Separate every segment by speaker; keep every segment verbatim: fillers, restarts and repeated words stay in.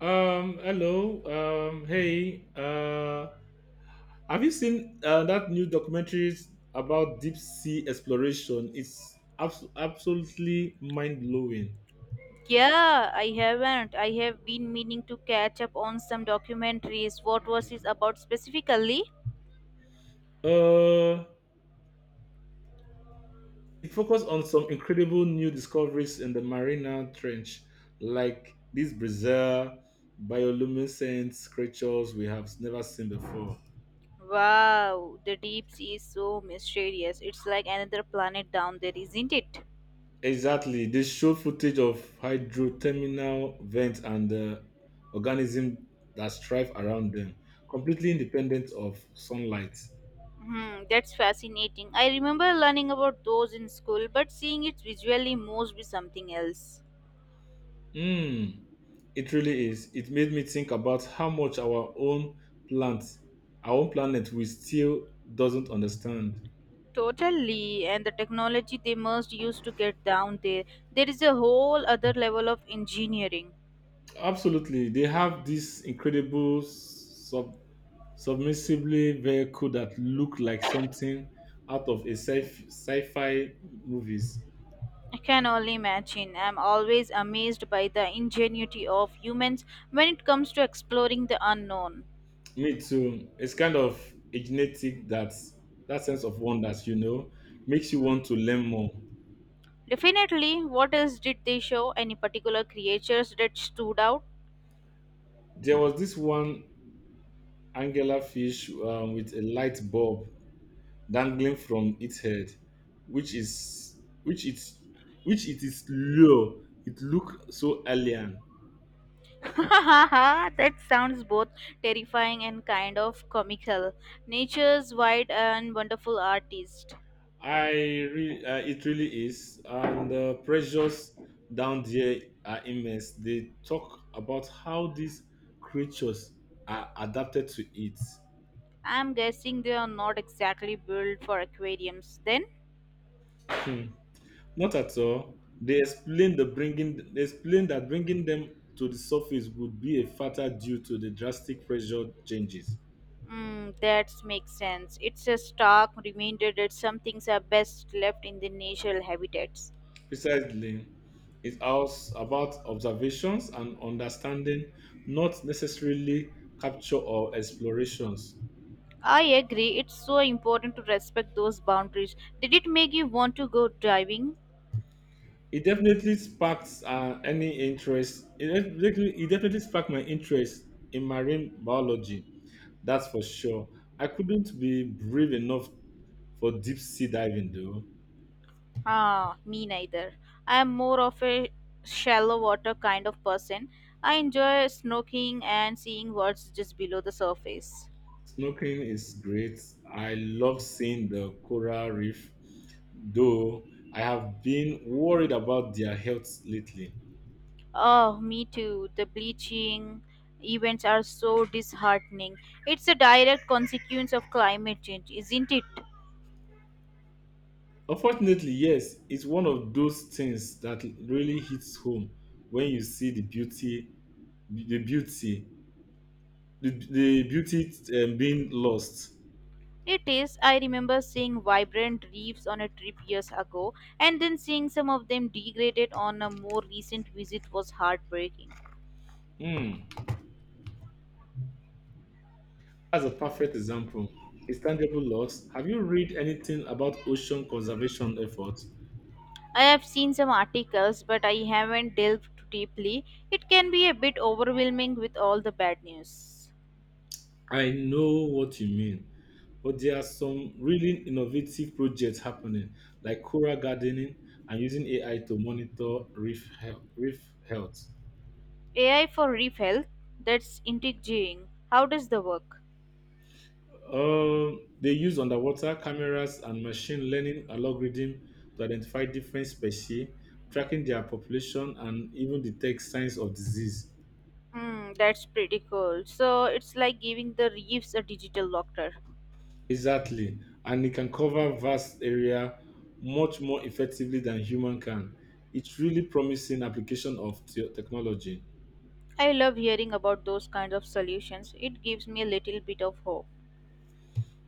Speaker 1: Um, hello. Um, hey. Uh, have you seen uh, that new documentary about deep sea exploration? It's abs- absolutely mind blowing.
Speaker 2: Yeah, I haven't. I have been meaning to catch up on some documentaries. What was it about specifically?
Speaker 1: Uh, it focused on some incredible new discoveries in the Mariana Trench, like these bizarre bioluminescent creatures we have never seen before.
Speaker 2: Wow, the deep sea is so mysterious. It's like another planet down there, isn't it?
Speaker 1: Exactly. They show footage of hydrothermal vents and the organisms that thrive around them, completely independent of sunlight.
Speaker 2: Hmm, that's fascinating. I remember learning about those in school, but seeing it visually must be something else.
Speaker 1: Mm, it really is. It made me think about how much our own plant, our own planet, we still doesn't understand.
Speaker 2: Totally, and the technology they must use to get down there. There is a whole other level of engineering.
Speaker 1: Absolutely, they have this incredible sub submissibly vehicle that look like something out of a sci- sci-fi movies.
Speaker 2: I can only imagine. I'm always amazed by the ingenuity of humans when it comes to exploring the unknown.
Speaker 1: Me too. It's kind of a genetic that that sense of wonders, you know, makes you want to learn more.
Speaker 2: Definitely, what else did they show? Any particular creatures that stood out?
Speaker 1: There was this one angular fish um, with a light bulb dangling from its head, which is which it's which it is low. It looked so alien.
Speaker 2: That sounds both terrifying and kind of comical. Nature's wide and wonderful artist.
Speaker 1: I re- uh, it really is, and the pressures down there are immense. They talk about how these creatures are adapted to it.
Speaker 2: I'm guessing they are not exactly built for aquariums. Then,
Speaker 1: Hmm. Not at all. They explained the bringing. They explained that bringing them to the surface would be a factor due to the drastic pressure changes.
Speaker 2: mm, that makes sense. It's a stark reminder that some things are best left in their natural habitats.
Speaker 1: Precisely, it's also about observations and understanding, not necessarily capture or explorations.
Speaker 2: I agree. It's so important to respect those boundaries. Did it make you want to go diving?
Speaker 1: It definitely sparked uh, any interest. It definitely, it definitely sparked my interest in marine biology. That's for sure. I couldn't be brave enough for deep sea diving, though.
Speaker 2: Ah, me neither. I am more of a shallow water kind of person. I enjoy snorkeling and seeing what's just below the surface.
Speaker 1: Snorkeling is great. I love seeing the coral reef, though I have been worried about their health lately.
Speaker 2: Oh, me too. The bleaching events are so disheartening. It's a direct consequence of climate change, isn't it?
Speaker 1: Unfortunately, yes, it's one of those things that really hits home when you see the beauty, the beauty, the, the beauty um, being lost.
Speaker 2: It is. I remember seeing vibrant reefs on a trip years ago, and then seeing some of them degraded on a more recent visit was heartbreaking.
Speaker 1: Hmm. That's a perfect
Speaker 2: Hmm.
Speaker 1: example. It's tangible loss. Have you read anything about ocean conservation efforts?
Speaker 2: I have seen some articles, but I haven't delved too deeply. It can be a bit overwhelming with all the bad news.
Speaker 1: I know what you mean. But there are some really innovative projects happening, like coral gardening and using A I to monitor reef health. Reef health.
Speaker 2: A I for reef health? That's intriguing. How does the work?
Speaker 1: Um, they use underwater cameras and machine learning algorithm to identify different species, tracking their population, and even detect signs of disease.
Speaker 2: Hmm, that's pretty cool. So it's like giving the reefs a digital doctor.
Speaker 1: Exactly, and it can cover vast area much more effectively than human can. It's really promising application of te- technology.
Speaker 2: I love hearing about those kinds of solutions. It gives me a little bit of hope.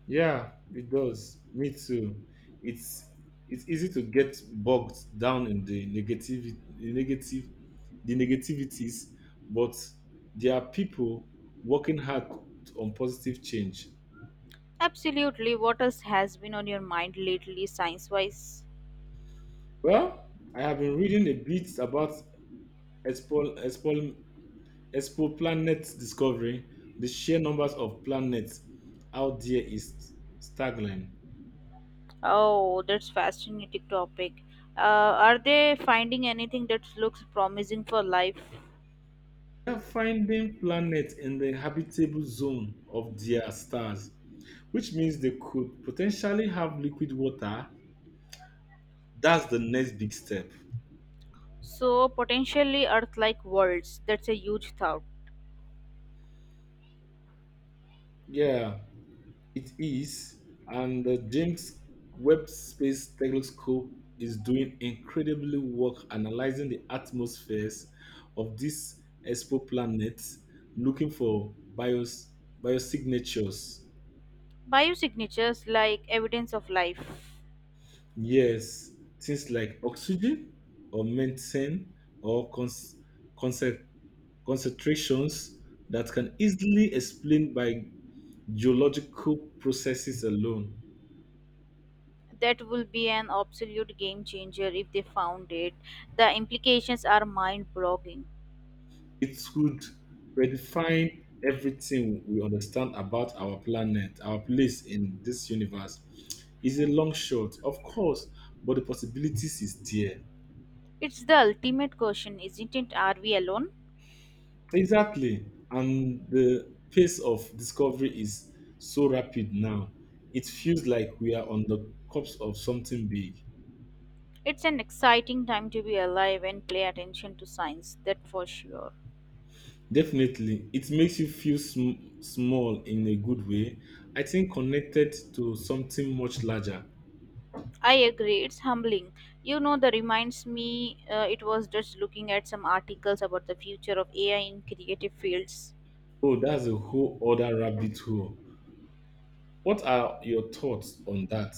Speaker 1: Yeah, it does. Me too. It's it's easy to get bogged down in the negativity, the negative, the negativities, but there are people working hard on positive change.
Speaker 2: Absolutely. What else has been on your mind lately, science wise?
Speaker 1: Well, I have been reading a bit about expo, expo, expo planet discovery. The sheer numbers of planets out there is staggering.
Speaker 2: Oh, that's fascinating topic. Uh, are they finding anything that looks promising for life?
Speaker 1: They are finding planets in the habitable zone of their stars, which means they could potentially have liquid water. That's the next big step.
Speaker 2: So potentially Earth-like worlds. That's a huge thought.
Speaker 1: Yeah, it is. And the James Webb Space Telescope is doing incredibly work analyzing the atmospheres of these exoplanets, looking for bios, biosignatures.
Speaker 2: Biosignatures like evidence of life.
Speaker 1: Yes, things like oxygen or methane or cons- concentrations that can easily explain by geological processes alone.
Speaker 2: That will be an absolute game changer if they found it. The implications are mind-boggling.
Speaker 1: It could redefine everything we understand about our planet, our place in this universe. It's a long shot, of course, but the possibilities is there.
Speaker 2: It's the ultimate question, isn't it? Are we alone?
Speaker 1: Exactly. And the pace of discovery is so rapid now. It feels like we are on the cusp of something big.
Speaker 2: It's an exciting time to be alive and pay attention to science, that for sure.
Speaker 1: Definitely, it makes you feel sm- small in a good way. I think connected to something much larger.
Speaker 2: I agree, it's humbling. You know, that reminds me, uh, it was just looking at some articles about the future of A I in creative fields.
Speaker 1: Oh, that's a whole other rabbit hole. What are your thoughts on that?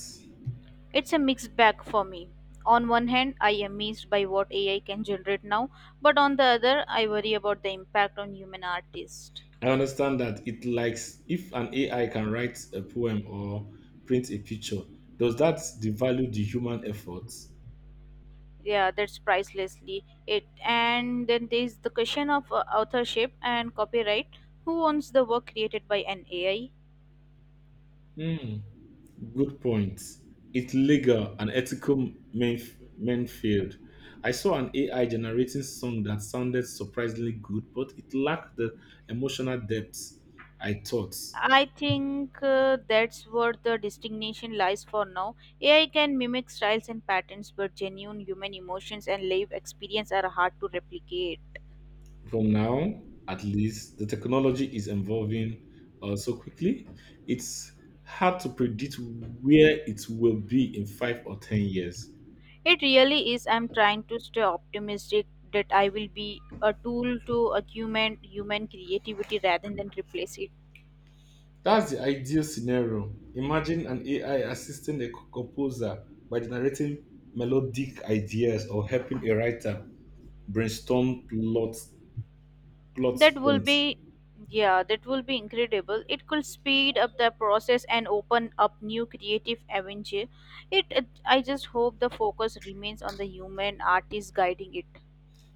Speaker 2: It's a mixed bag for me. On one hand, I am amazed by what A I can generate now, but on the other, I worry about the impact on human artists.
Speaker 1: I understand that it likes if an A I can write a poem or print a picture, does that devalue the human effort?
Speaker 2: Yeah, that's pricelessly it. And then there's the question of uh, authorship and copyright. Who owns the work created by an A I?
Speaker 1: Hmm. Good point. It's legal and ethical Menf- Menfield. I saw an A I generating song that sounded surprisingly good, but it lacked the emotional depth I thought.
Speaker 2: I think uh, that's where the distinction lies for now. A I can mimic styles and patterns, but genuine human emotions and life experience are hard to replicate.
Speaker 1: From now, at least, the technology is evolving uh, so quickly. It's hard to predict where it will be in five or ten years.
Speaker 2: It really is. I'm trying to stay optimistic that I will be a tool to augment human creativity rather than replace it.
Speaker 1: That's the ideal scenario. Imagine an A I assisting a composer by generating melodic ideas or helping a writer brainstorm plot, plot
Speaker 2: That will
Speaker 1: points.
Speaker 2: be, yeah, that will be incredible. It could speed up the process and open up new creative avenues. It, it i just hope the focus remains on the human artist guiding it.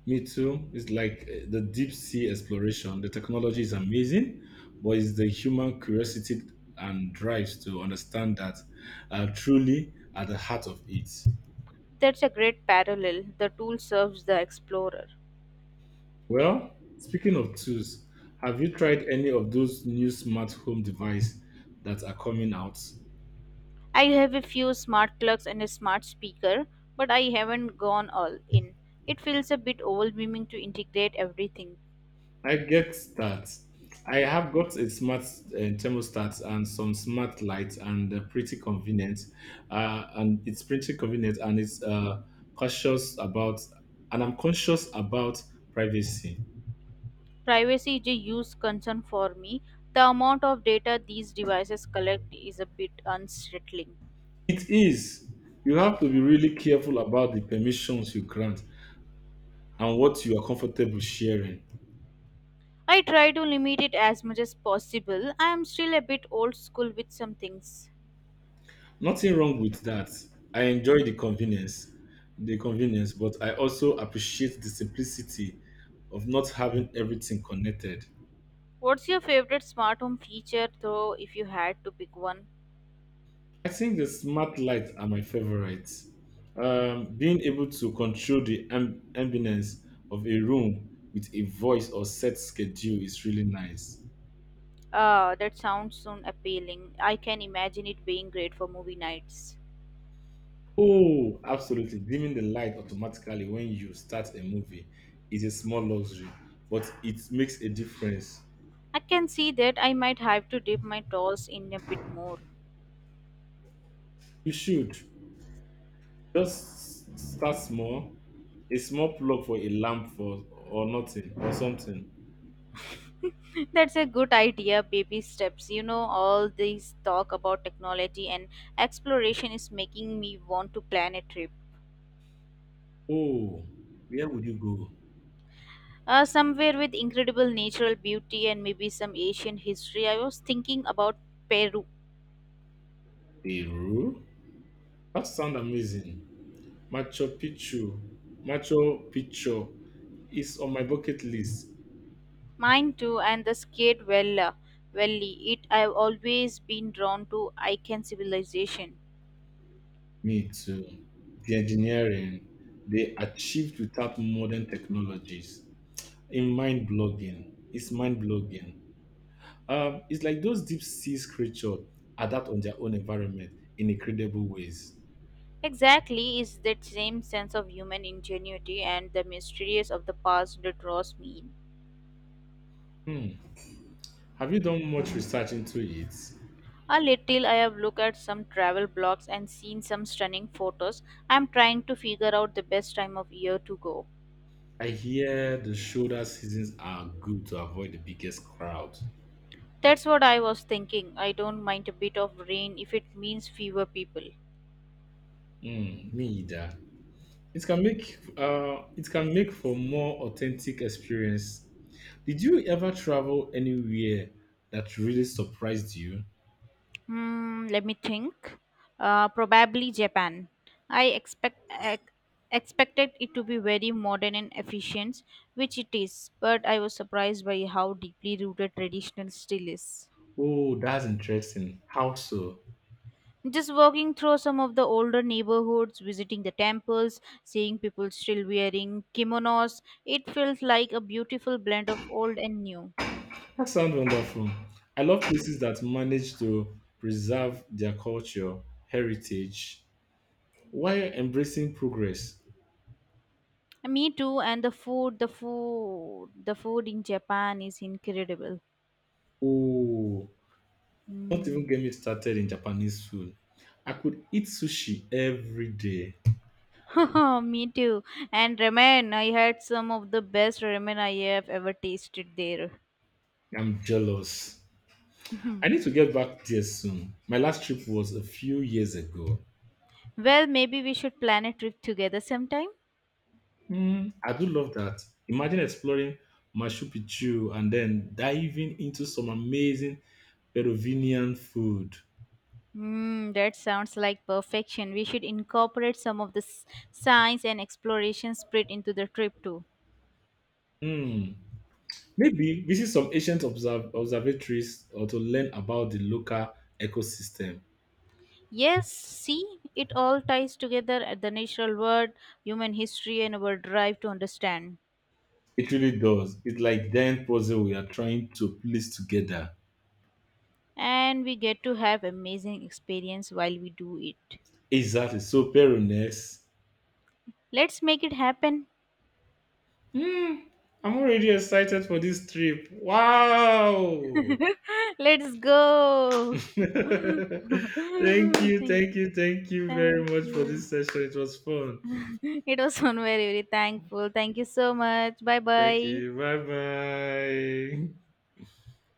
Speaker 1: Me too. It's like uh, the deep sea exploration. The technology is amazing, but it's the human curiosity and drives to understand that are truly at the heart of it.
Speaker 2: That's a great parallel, the tool serves the explorer.
Speaker 1: Well, speaking of tools, have you tried any of those new smart home devices that are coming out?
Speaker 2: I have a few smart plugs and a smart speaker, but I haven't gone all in. It feels a bit overwhelming to integrate everything.
Speaker 1: I get that. I have got a smart uh, thermostat and some smart lights, and uh, pretty convenient. Uh, and it's pretty convenient, and it's uh, cautious about, and I'm conscious about privacy.
Speaker 2: Privacy is a huge concern for me. The amount of data these devices collect is a bit unsettling.
Speaker 1: It is. You have to be really careful about the permissions you grant and what you are comfortable sharing.
Speaker 2: I try to limit it as much as possible. I am still a bit old school with some things.
Speaker 1: Nothing wrong with that. I enjoy the convenience, the convenience, but I also appreciate the simplicity of not having everything connected.
Speaker 2: What's your favorite smart home feature, though, if you had to pick one?
Speaker 1: I think the smart lights are my favorites. Um, being able to control the amb- ambience of a room with a voice or set schedule is really nice.
Speaker 2: Ah, that sounds so appealing. I can imagine it being great for movie nights.
Speaker 1: Oh, absolutely. Dimming the light automatically when you start a movie is a small luxury, but it makes a difference.
Speaker 2: I can see that I might have to dip my toes in a bit more.
Speaker 1: You should. Just start small. A small plug for a lamp for or nothing or something.
Speaker 2: That's a good idea, baby steps. You know, all this talk about technology and exploration is making me want to plan a trip.
Speaker 1: Oh, where would you go?
Speaker 2: Uh, somewhere with incredible natural beauty and maybe some ancient history. I was thinking about Peru.
Speaker 1: Peru? That sounds amazing. Machu Picchu. Machu Picchu is on my bucket list.
Speaker 2: Mine too, and the scared Vella. Valley. It I've always been drawn to Incan civilization.
Speaker 1: Me too. The engineering they achieved without modern technologies. In mind blogging. It's mind blogging. Um, it's like those deep sea creatures adapt on their own environment in incredible ways.
Speaker 2: Exactly, is that same sense of human ingenuity and the mysteries of the past that draws me in.
Speaker 1: Hmm. Have you done much research into it?
Speaker 2: A little. I have looked at some travel blogs and seen some stunning photos. I'm trying to figure out the best time of year to go.
Speaker 1: I hear the shoulder seasons are good to avoid the biggest crowd.
Speaker 2: That's what I was thinking. I don't mind a bit of rain if it means fewer people.
Speaker 1: Hmm. Me either. It can make uh, it can make for more authentic experience. Did you ever travel anywhere that really surprised you?
Speaker 2: Hmm, let me think. Uh, probably Japan. I expect ex- Expected it to be very modern and efficient, which it is, but I was surprised by how deeply rooted traditional still is.
Speaker 1: Oh, that's interesting. How so?
Speaker 2: Just walking through some of the older neighborhoods, visiting the temples, seeing people still wearing kimonos, it felt like a beautiful blend of old and new.
Speaker 1: That sounds wonderful. I love places that manage to preserve their culture, heritage, while embracing progress.
Speaker 2: Me too, and the food, the food, the food in Japan is incredible.
Speaker 1: Oh. Don't even
Speaker 2: Mm.
Speaker 1: get me started in Japanese food. I could eat sushi every day.
Speaker 2: Me too. And ramen, I had some of the best ramen I have ever tasted there.
Speaker 1: I'm jealous.
Speaker 2: Well,
Speaker 1: I need to get back there soon. My last trip was a few years ago.
Speaker 2: maybe we should plan a trip together sometime.
Speaker 1: Hmm, I do love that. Imagine exploring Machu Picchu and then diving into some amazing Peruvian food.
Speaker 2: Hmm, that sounds like perfection. We should incorporate some of the s- science and exploration spirit into the trip too.
Speaker 1: Hmm. Maybe visit some ancient observ- observatories or to learn about the local ecosystem.
Speaker 2: Yes, see, it all ties together at the natural world, human history, and our drive to understand.
Speaker 1: It really does. It's like giant puzzle we are trying to piece together.
Speaker 2: And we get to have amazing experience while we do it.
Speaker 1: Exactly. So Perunes.
Speaker 2: Let's make it happen.
Speaker 1: Hmm. I'm already excited for this trip. Wow.
Speaker 2: Let's go.
Speaker 1: Thank you,
Speaker 2: Yeah,
Speaker 1: thank you, thank you very
Speaker 2: thank
Speaker 1: much for
Speaker 2: you.
Speaker 1: this session. It was fun.
Speaker 2: It was one very, very thankful. Thank you so much. Bye
Speaker 1: Thank
Speaker 2: bye.
Speaker 1: you. Bye bye.